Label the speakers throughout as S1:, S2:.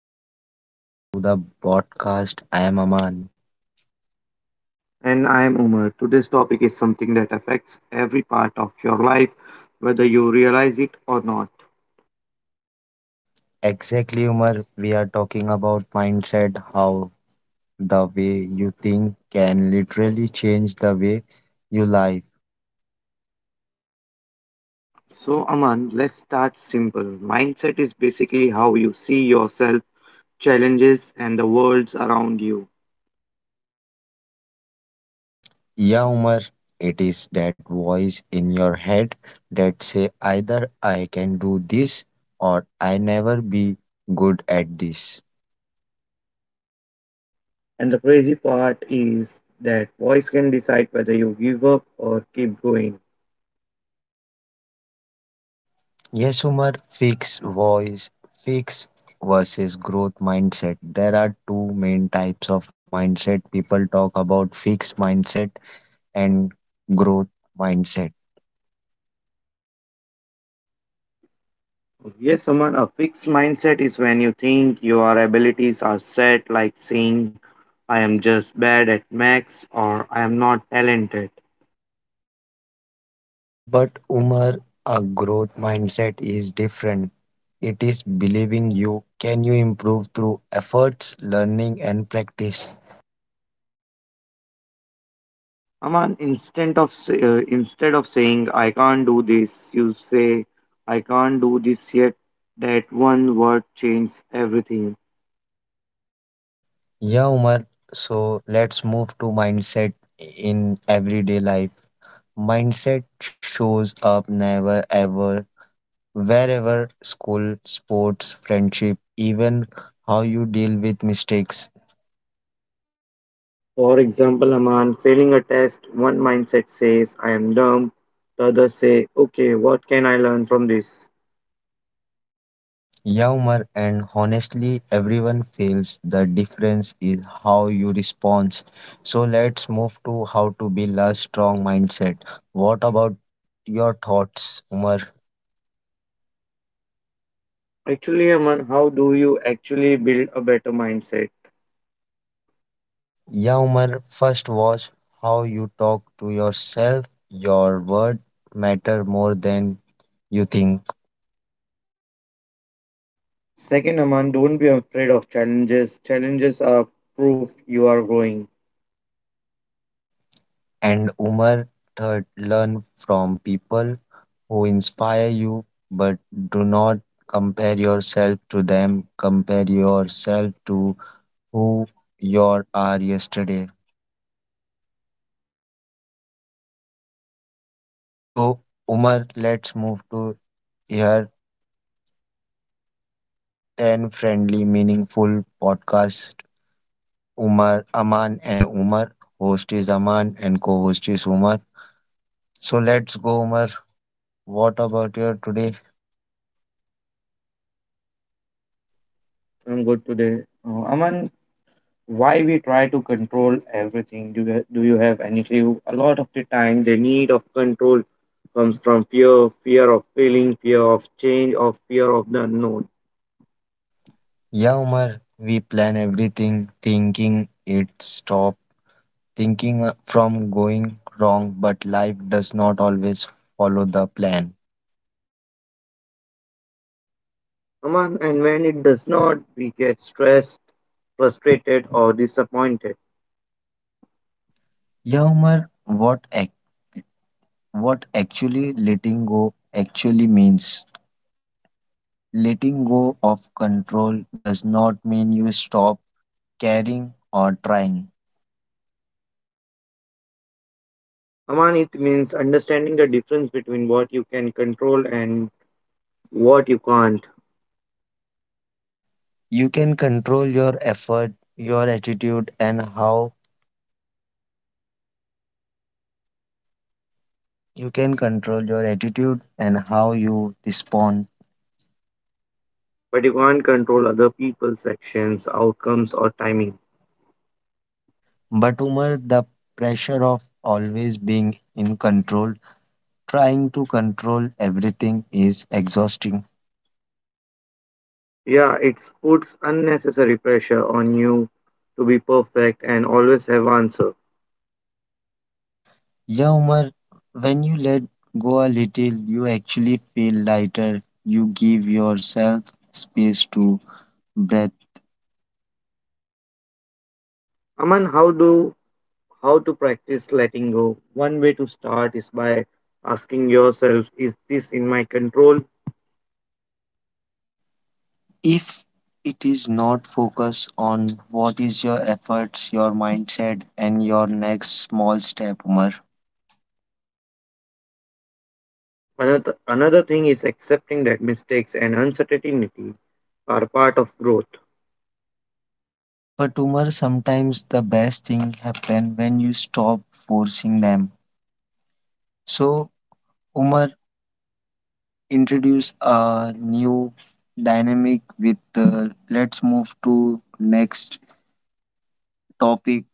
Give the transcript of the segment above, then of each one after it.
S1: everyone? Welcome back to the podcast. I am Aman.
S2: And I am Umar. Today's topic is something that affects every part of your life, whether you realize it or not.
S1: Exactly, Umar, we are talking about mindset, how the way you think can literally change the way you live.
S2: So, Aman, let's start simple. Mindset is basically how you see yourself, challenges, and the worlds around you.
S1: Yeah, Umar, it is that voice in your head that say either I can do this or I never be good at this.
S2: And the crazy part is that voice can decide whether you give up or keep going.
S1: Yes, Umar. Fixed voice, fixed versus growth mindset. There are two main types of mindset. People talk about fixed mindset and growth mindset.
S2: Yes, Aman, a fixed mindset is when you think your abilities are set, like saying, I am just bad at max or I am not talented.
S1: But Umar, a growth mindset is different. It is believing you can you improve through efforts, learning and practice.
S2: Aman, instead of saying I can't do this, you say I can't do this yet. That one word changes everything.
S1: Yeah, Umar. So let's move to mindset in everyday life. Mindset shows up never ever wherever school, sports, friendship, even how you deal with mistakes,
S2: For example, Aman, failing a test, one mindset says I am dumb. The other say, okay, what can I learn from this?
S1: humor, and honestly, everyone feels the difference is how you respond. So let's move to how to build a strong mindset. What about your thoughts, Umar?
S2: Actually, Aman, how do you actually build a better mindset?
S1: Yeah, Umar, first watch how you talk to yourself. Your word matter more than you think.
S2: Second, Aman, don't be afraid of challenges. Challenges are proof you are growing.
S1: And Umar third, learn from people who inspire you, but do not compare yourself to them. Compare yourself to who you are yesterday. So, Umar, let's move to here 10 friendly, meaningful podcast. Umar, Aman, and Umar. Host is Aman, and co host is Umar. So, let's go, Umar. What about your today?
S2: I'm good today. Aman, why we try to control everything? Do you have any clue? A lot of the time the need of control comes from fear, fear of failing, fear of change, or fear of the unknown.
S1: Yeah, Umar, we plan everything thinking it stop thinking from going wrong, but life does not always follow the plan.
S2: Aman, and when it does not, we get stressed, frustrated, or disappointed.
S1: Yeah, Umar, what actually letting go actually means? Letting go of control does not mean you stop caring or trying.
S2: Aman, it means understanding the difference between what you can control and what you can't.
S1: You can control your effort, your attitude, and how you can control your attitude and how you respond.
S2: But you can't control other people's actions, outcomes, or timing.
S1: But Umar, the pressure of always being in control, trying to control everything is exhausting.
S2: Yeah, it puts unnecessary pressure on you to be perfect and always have answer.
S1: Yeah, Umar, when you let go a little, you actually feel lighter. You give yourself space to breathe.
S2: Aman, how to practice letting go? One way to start is by asking yourself, "Is this in my control?"
S1: If it is not focused on what is your efforts, your mindset, and your next small step, Umar.
S2: Another thing is accepting that mistakes and uncertainty are part of growth.
S1: But Umar, sometimes the best thing happen when you stop forcing them. So Umar introduced a new dynamic with let's move to next topic,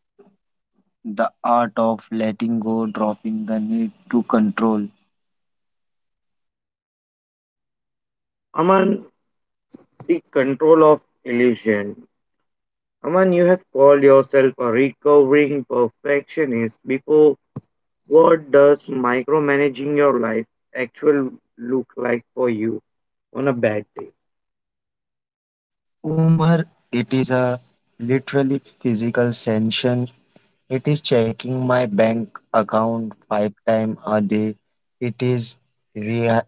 S1: the art of letting go, dropping the need to control.
S2: Aman, the control of illusion. Aman, you have called yourself a recovering perfectionist before. What does micromanaging your life actually look like for you on a bad day?
S1: Umar, it is a literally physical sanction. It is checking my bank account five times a day. It is re-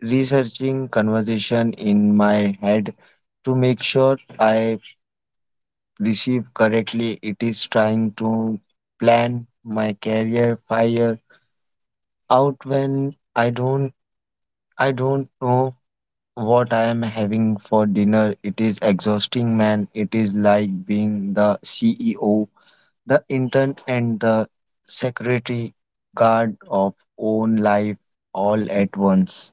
S1: researching conversation in my head to make sure I received correctly. It is trying to plan my career fire out when I don't know what I am having for dinner. It is exhausting, man. It is like being the CEO, the intern and the secretary guard of own life all at once.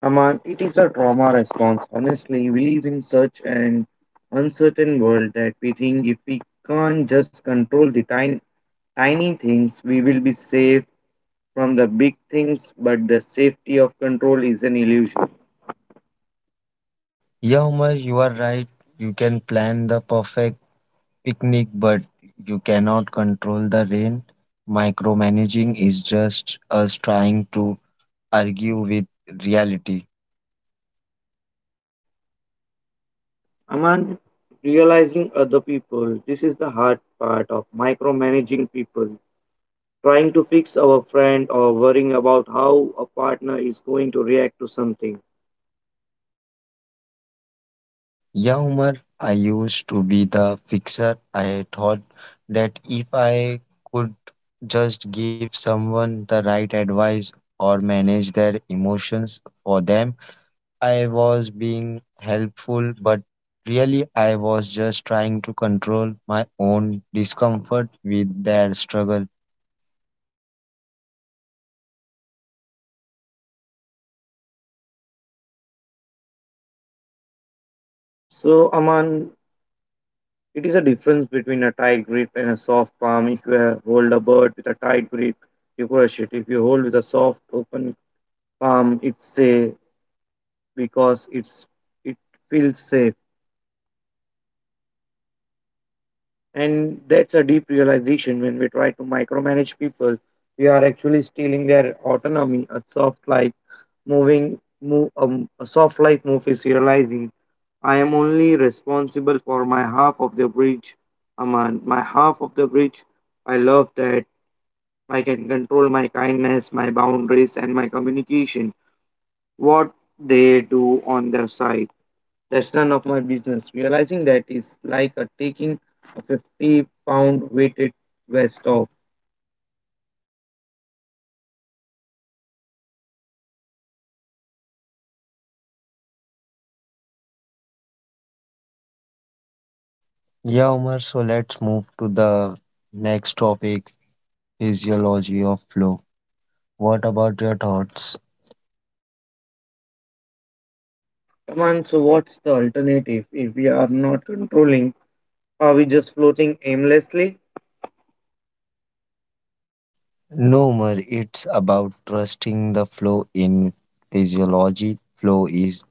S2: Aman, it is a trauma response. Honestly, we live in such an uncertain world that we think if we can't just control the tiny, tiny things, we will be safe from the big things, but the safety of control is an illusion.
S1: Yeah, Umar, you are right. You can plan the perfect picnic, but you cannot control the rain. Micromanaging is just us trying to argue with reality.
S2: Aman, realizing other people. This is the hard part of micromanaging people. Trying to fix our friend or worrying about how a partner is going to react to something.
S1: Yeah, Umar, I used to be the fixer. I thought that if I could just give someone the right advice or manage their emotions for them, I was being helpful, but really, I was just trying to control my own discomfort with their struggle.
S2: So, Aman, it is a difference between a tight grip and a soft palm. If you hold a bird with a tight grip, you crush it. If you hold with a soft, open palm, it's safe because it feels safe. And that's a deep realization when we try to micromanage people. We are actually stealing their autonomy. A soft life moving, move, a soft life move is realizing I am only responsible for my half of the bridge, Aman. My half of the bridge. I love that. I can control my kindness, my boundaries, and my communication. What they do on their side. That's none of my business. Realizing that is like a taking a 50-pound weighted vest off.
S1: Yeah, Omar, so let's move to the next topic, physiology of flow. What about your thoughts?
S2: Come on, so what's the alternative if we are not controlling? Are we just floating aimlessly?
S1: No, Omar, it's about trusting the flow in physiology. Flow is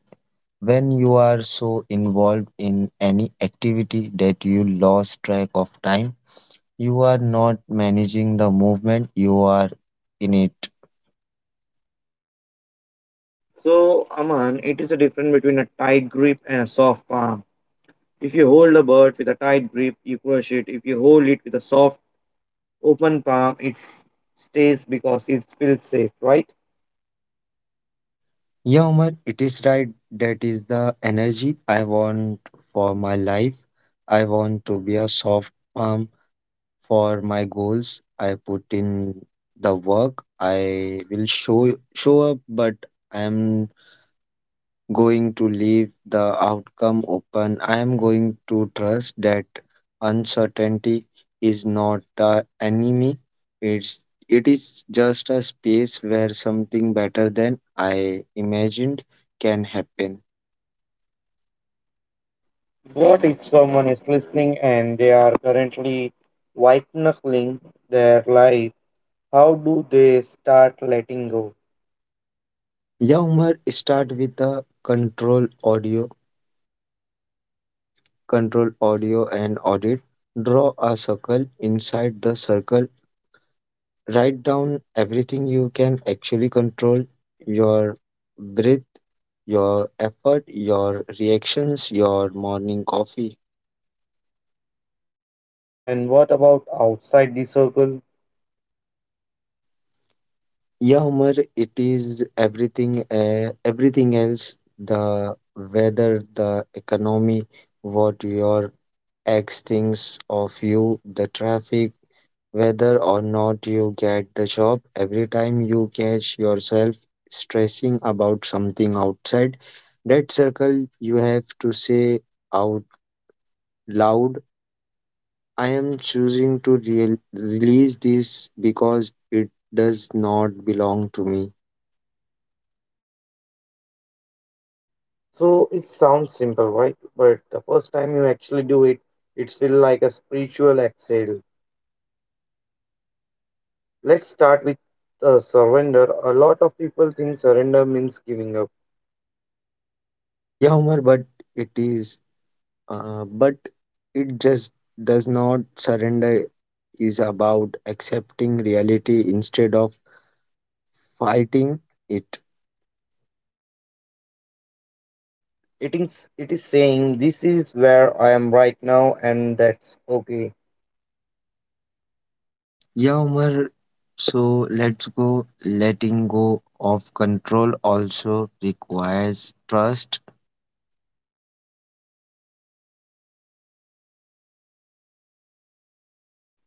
S1: when you are so involved in any activity that you lose track of time. You are not managing the movement, you are in it.
S2: So, Aman, it is a difference between a tight grip and a soft palm. If you hold a bird with a tight grip, you crush it. If you hold it with a soft, open palm, it stays because it feels safe, right?
S1: Yeah, Umar, it is right. That is the energy I want for my life. I want to be a soft palm for my goals. I put in the work. I will show up, but I am going to leave the outcome open. I am going to trust that uncertainty is not an enemy. It's it is just a space where something better than I imagined can happen.
S2: What if someone is listening and they are currently white knuckling their life? How do they start letting go?
S1: Yeah, Umar, start with control audio and audit. Draw a circle. Inside the circle, write down everything you can actually control, your breath, your effort, your reactions, your morning coffee.
S2: And what about outside the circle?
S1: Yeah, Umar, it is everything, everything else, the weather, the economy, what your X thinks of you, the traffic, whether or not you get the job. Every time you catch yourself stressing about something outside that circle, you have to say out loud, I am choosing to release this because it does not belong to me.
S2: So it sounds simple, right? But the first time you actually do it, it feels like a spiritual exhale. Let's start with surrender. A lot of people think surrender means giving up.
S1: Yeah, Umar, but it is. But it just does not. Surrender is about accepting reality instead of fighting it.
S2: It is saying this is where I am right now and that's okay.
S1: Yeah, Umar. So let's go. Letting go of control also requires trust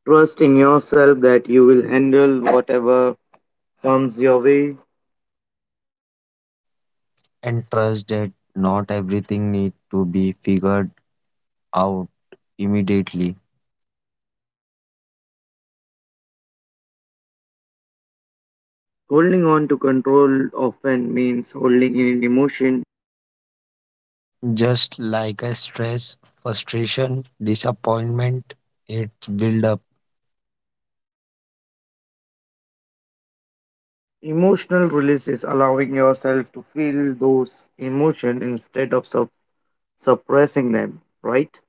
S2: Trust in yourself that you will handle whatever comes your way.
S1: and trust that not everything need to be figured out immediately.
S2: Holding on to control often means holding in an emotion.
S1: Just like a stress, frustration, disappointment, it builds.
S2: Emotional release is allowing yourself to feel those emotions instead of suppressing them, right?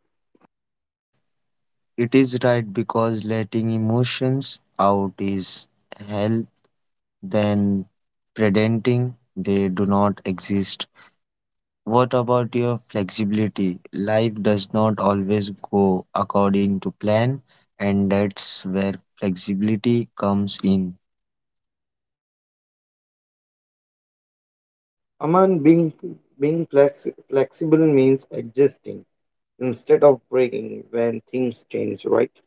S1: It is right because letting emotions out is health than pretending they do not exist. What about your flexibility? Life does not always go according to plan, and that's where flexibility comes in.
S2: Aman, being flexible means adjusting instead of breaking when things change, right?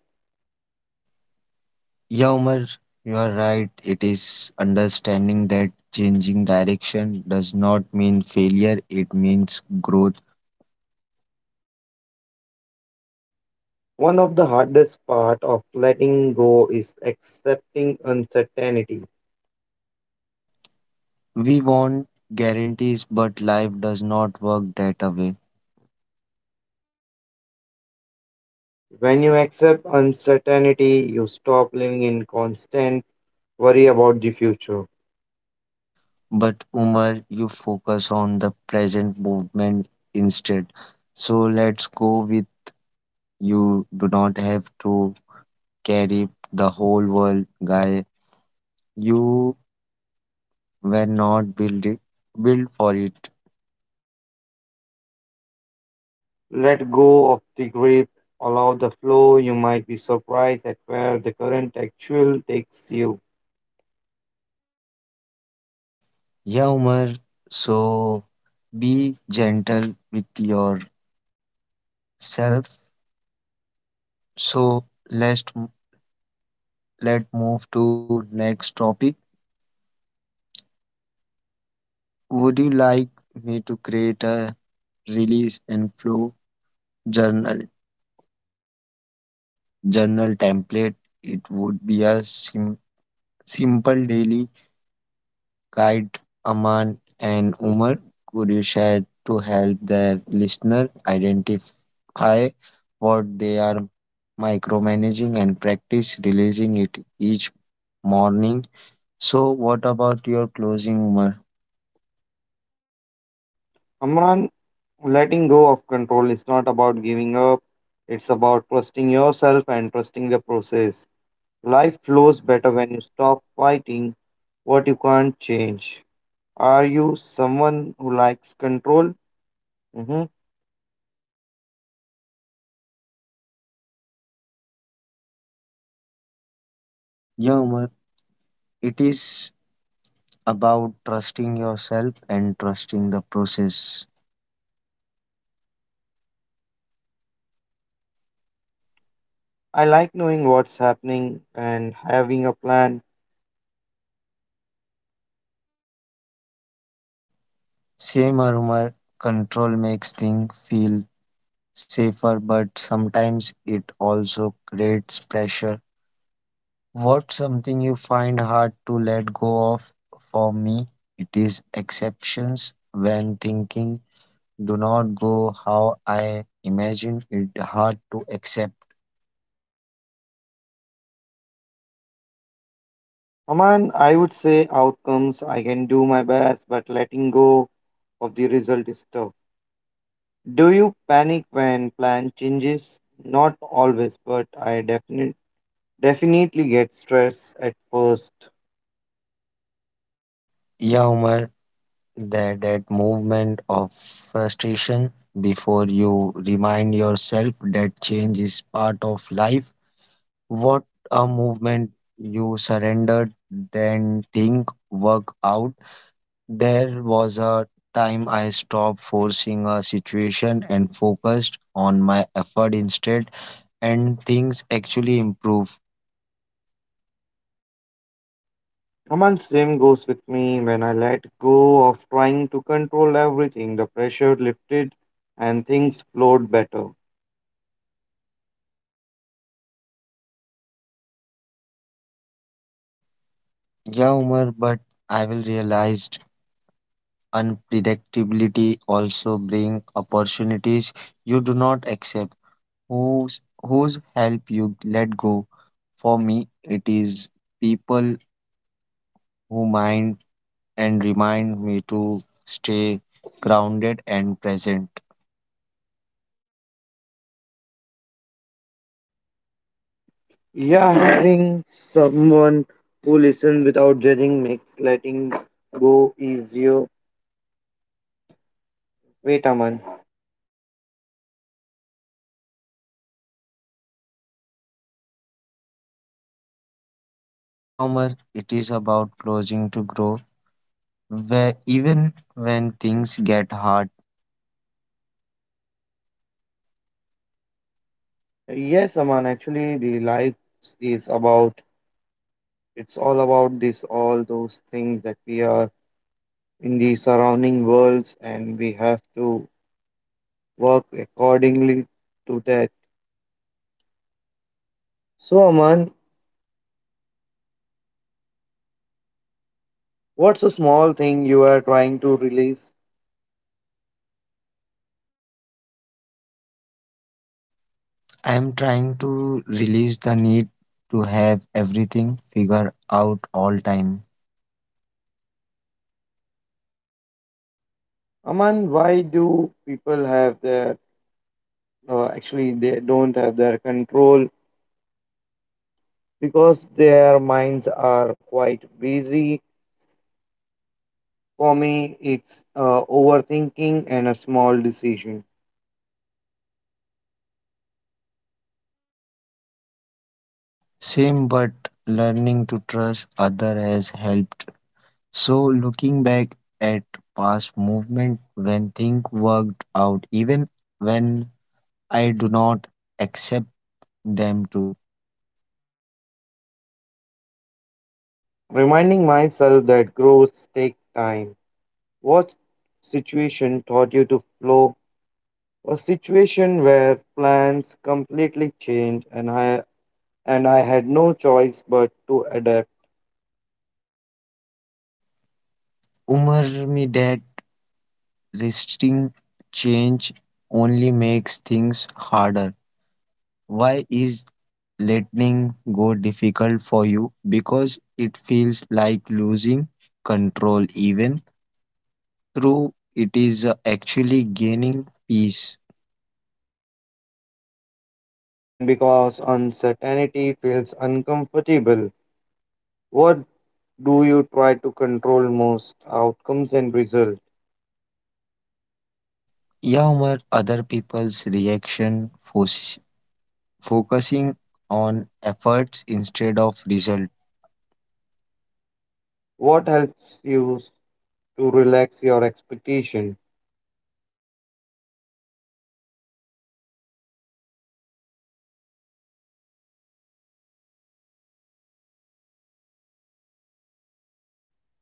S1: Yeah, Umar, you are right. It is understanding that changing direction does not mean failure, it means growth.
S2: One of the hardest part of letting go is accepting uncertainty.
S1: We want guarantees, but life does not work that way.
S2: When you accept uncertainty, you stop living in constant worry about the future.
S1: But Umar, you focus on the present movement instead. So let's go with, you do not have to carry the whole world, guy. You were not built it, built for it.
S2: Let go of the grip, allow the flow. You might be surprised at where the current actual takes you.
S1: Yeah, Umar. So be gentle with yourself. So let's m- let move to next topic. Would you like me to create a release and flow journal journal template? It would be a simple daily guide. Aman and Umar, could you share to help the listener identify what they are micromanaging and practice releasing it each morning? So, what about your closing, Umar?
S2: Amran, letting go of control is not about giving up, it's about trusting yourself and trusting the process. Life flows better when you stop fighting what you can't change. Are you someone who likes control? Mhm.
S1: Yeah, Umar, it is about trusting yourself and trusting the process.
S2: I like knowing what's happening and having a plan.
S1: Same armor, control makes things feel safer, but sometimes it also creates pressure. What's something you find hard to let go of? For me, it is exceptions when thinking do not go how I imagined it hard to accept.
S2: Aman, I would say outcomes, I can do my best, but letting go of the result is tough. Do you panic when plan changes? Not always, but I definitely get stressed at first.
S1: Yeah, Umar, that movement of frustration before you remind yourself that change is part of life. What a movement you surrendered then think work out. There was a time I stopped forcing a situation and focused on my effort instead and things actually improved.
S2: Aman, same goes with me. When I let go of trying to control everything, the pressure lifted and things flowed better.
S1: Yeah Umar, but I will realize unpredictability also brings opportunities you do not accept, whose help you let go. For me, it is people who mind and remind me to stay grounded and present.
S2: Yeah, having someone who listens without judging makes letting go easier. Wait, Aman.
S1: Yeah, Omar, it is about closing to grow. Where even when things get hard,
S2: Yes, Aman, actually, the life is about, it's all about this, all those things that we are in the surrounding worlds and we have to work accordingly to that. So, Aman, what's a small thing you are trying to release?
S1: I am trying to release the need to have everything figured out all time.
S2: Aman, why do people have their, actually, they don't have their control because their minds are quite busy. For me, it's overthinking and a small decision.
S1: Same, but learning to trust other has helped. So looking back at past movement when things worked out, even when I do not accept them to.
S2: Reminding myself that growth takes time. What situation taught you to flow? A situation where plans completely changed and I had no choice but to adapt.
S1: Umar me that resisting change only makes things harder. Why is letting go difficult for you? Because it feels like losing control even through it is actually gaining peace.
S2: And because uncertainty feels uncomfortable, what do you try to control most, outcomes and results?
S1: Yeah, Umar, other people's reaction focusing on efforts instead of result.
S2: What helps you to relax your expectation,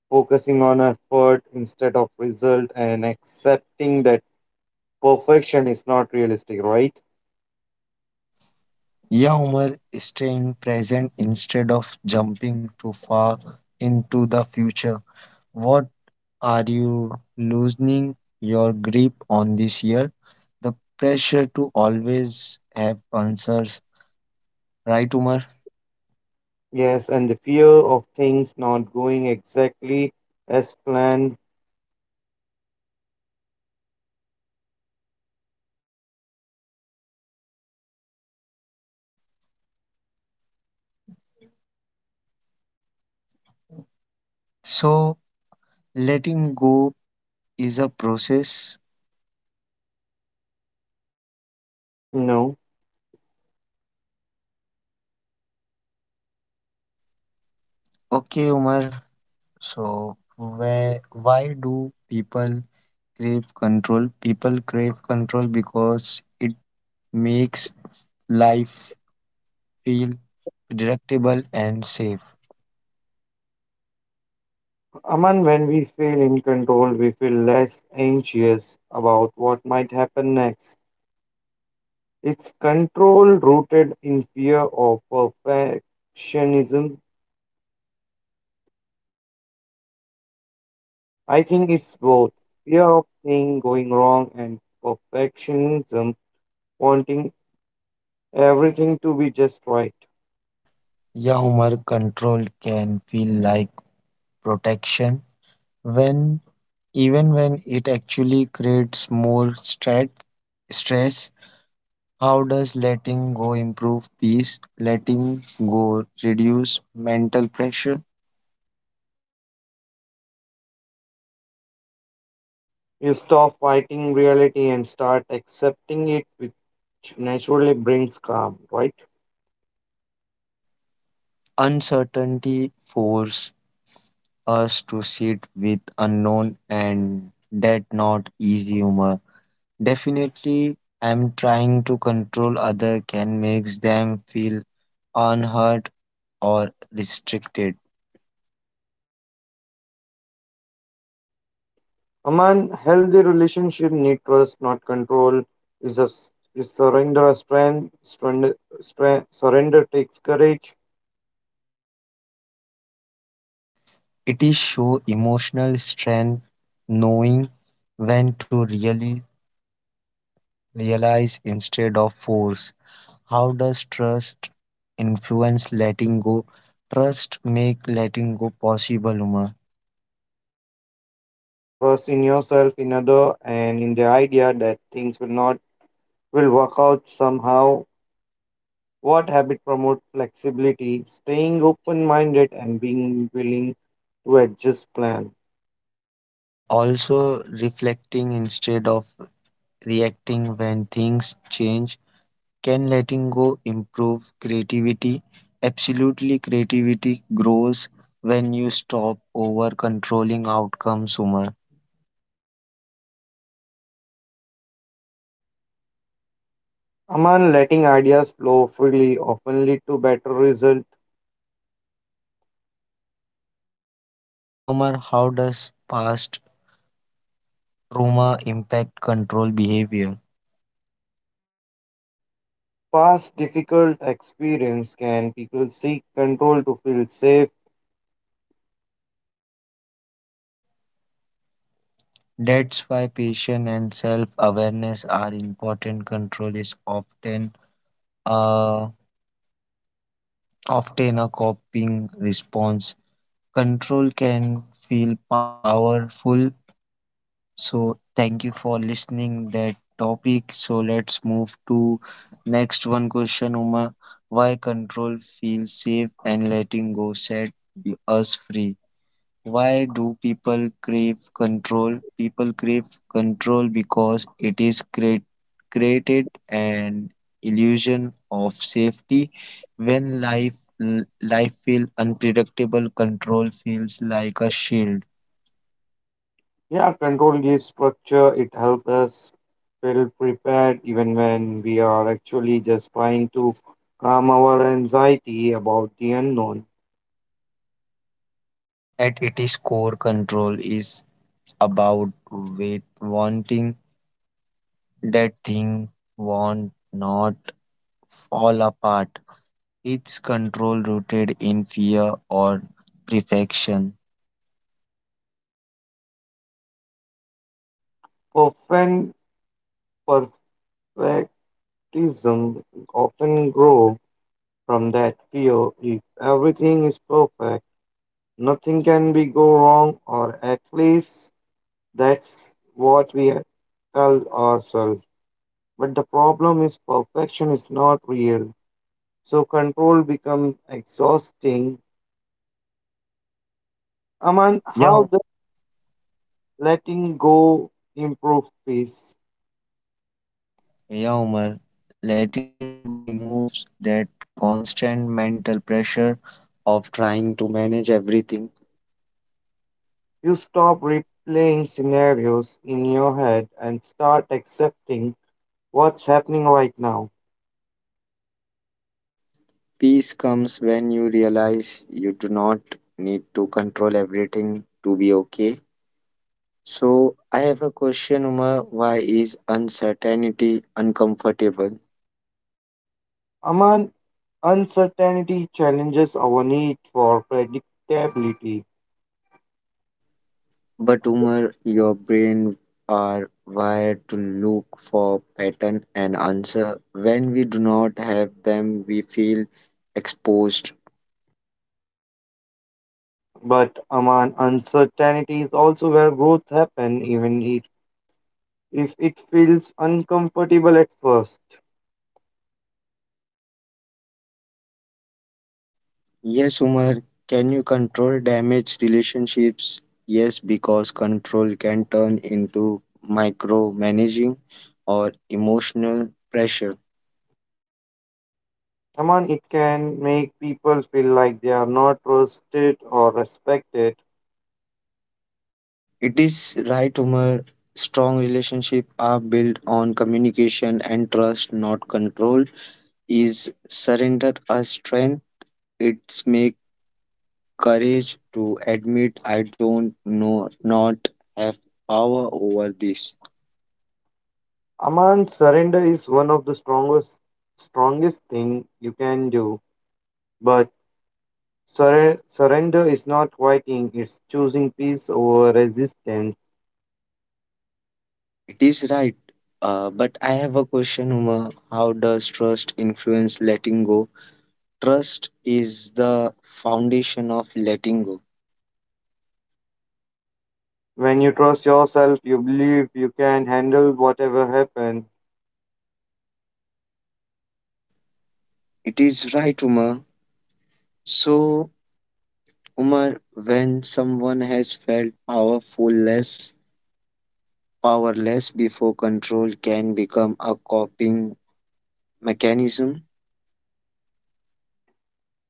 S2: focusing on effort instead of result and accepting that perfection is not realistic, right?
S1: Yeah, Umar, staying present instead of jumping too far into the future. What are you loosening your grip on this year? The pressure to always have answers, right, Umar?
S2: Yes, and the fear of things not going exactly as planned.
S1: So letting go is a process.
S2: No, know.
S1: Okay, Umar, so where why do people crave control? People crave control because it makes life feel predictable and safe.
S2: Aman, when we feel in control, we feel less anxious about what might happen next. It's control rooted in fear of perfectionism. I think it's both fear of things going wrong and perfectionism, wanting everything to be just right.
S1: Yeah, Umar, control can feel like protection when even when it actually creates more stress. Stress. How does letting go improve peace? Letting go reduce mental pressure.
S2: You stop fighting reality and start accepting it, which naturally brings calm, right?
S1: Uncertainty force us to sit with unknown and that not easy humor. Definitely, I'm trying to control other can makes them feel unhurt or restricted.
S2: Aman, healthy relationship need trust, not control. Is just is surrender a strength? Surrender takes courage.
S1: It is show emotional strength, knowing when to really realize instead of force. How does trust influence letting go? Trust make letting go possible, Uma.
S2: Trust in yourself, in other, and in the idea that things will not will work out somehow. What habit promote flexibility, staying open-minded, and being willing to adjust plan.
S1: Also reflecting instead of reacting when things change? Can letting go improve creativity? Absolutely, creativity grows when you stop over controlling outcomes, Umar.
S2: Among letting ideas flow freely often lead to better result.
S1: Yeah, Umar, how does past trauma impact control behavior?
S2: Past difficult experience can people seek control to feel safe.
S1: That's why patience and self awareness are important. Control is often uh, often a coping response. Control can feel powerful. So thank you for listening that topic. So let's move to next one question, Uma. Why control feels safe and letting go set us free? Why do people crave control? People crave control because it is create, created an illusion of safety. When life feels unpredictable, control feels like a shield
S2: Yeah, control gives structure. It helps us feel prepared even when we are actually just trying to calm our anxiety about the unknown.
S1: at its core. Control is about wanting that thing, want not all apart. It's control rooted in fear or perfection.
S2: Often, perfectism often grows from that fear. If everything is perfect, nothing can be go wrong, or at least that's what we tell ourselves. But the problem is perfection is not real. So control becomes exhausting. Aman, how
S1: Yeah,
S2: does letting go improve peace?
S1: yeah, Umar. Letting go removes that constant mental pressure of trying to manage everything.
S2: You stop replaying scenarios in your head and start accepting what's happening right now.
S1: Peace comes when you realize you do not need to control everything to be okay. So I have a question, Umar. Why is uncertainty uncomfortable?
S2: Aman, uncertainty challenges our need for predictability.
S1: But Umar, your brain are wired to look for pattern and answer. When we do not have them, we feel exposed.
S2: But Aman, uncertainty is also where growth happens, even if it feels uncomfortable at first.
S1: Yes, Umar, can you control damaged relationships? Yes, because control can turn into micromanaging or emotional pressure.
S2: Aman, it can make people feel like they are not trusted or respected.
S1: It is right, Umar. Strong relationships are built on communication and trust, not control. Is surrender a strength? It's make courage to admit I don't know, not have power over this.
S2: Aman, surrender is one of the strongest thing you can do. But surrender is not quitting; it's choosing peace over resistance.
S1: It is right. But I have a question, Uma, how does trust influence letting go? Trust is the foundation of letting go.
S2: When you trust yourself, you believe you can handle whatever happens.
S1: It is right, Uma. So Umar, when someone has felt powerless before control can become a coping mechanism.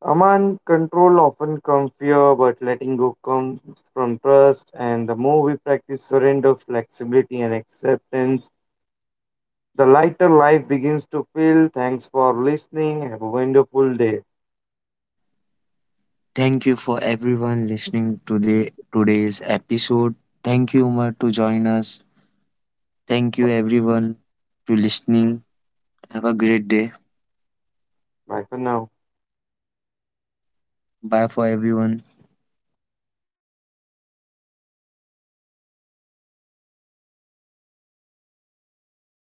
S2: Aman, control often comes fear, but letting go comes from trust. And the more we practice surrender, flexibility, and acceptance, the lighter life begins to feel. Thanks for listening. Have a wonderful day.
S1: Thank you for everyone listening to the today's episode. Thank you, Umar, to join us. Thank you everyone to listening. Have a great day.
S2: Bye for now.
S1: Bye for everyone.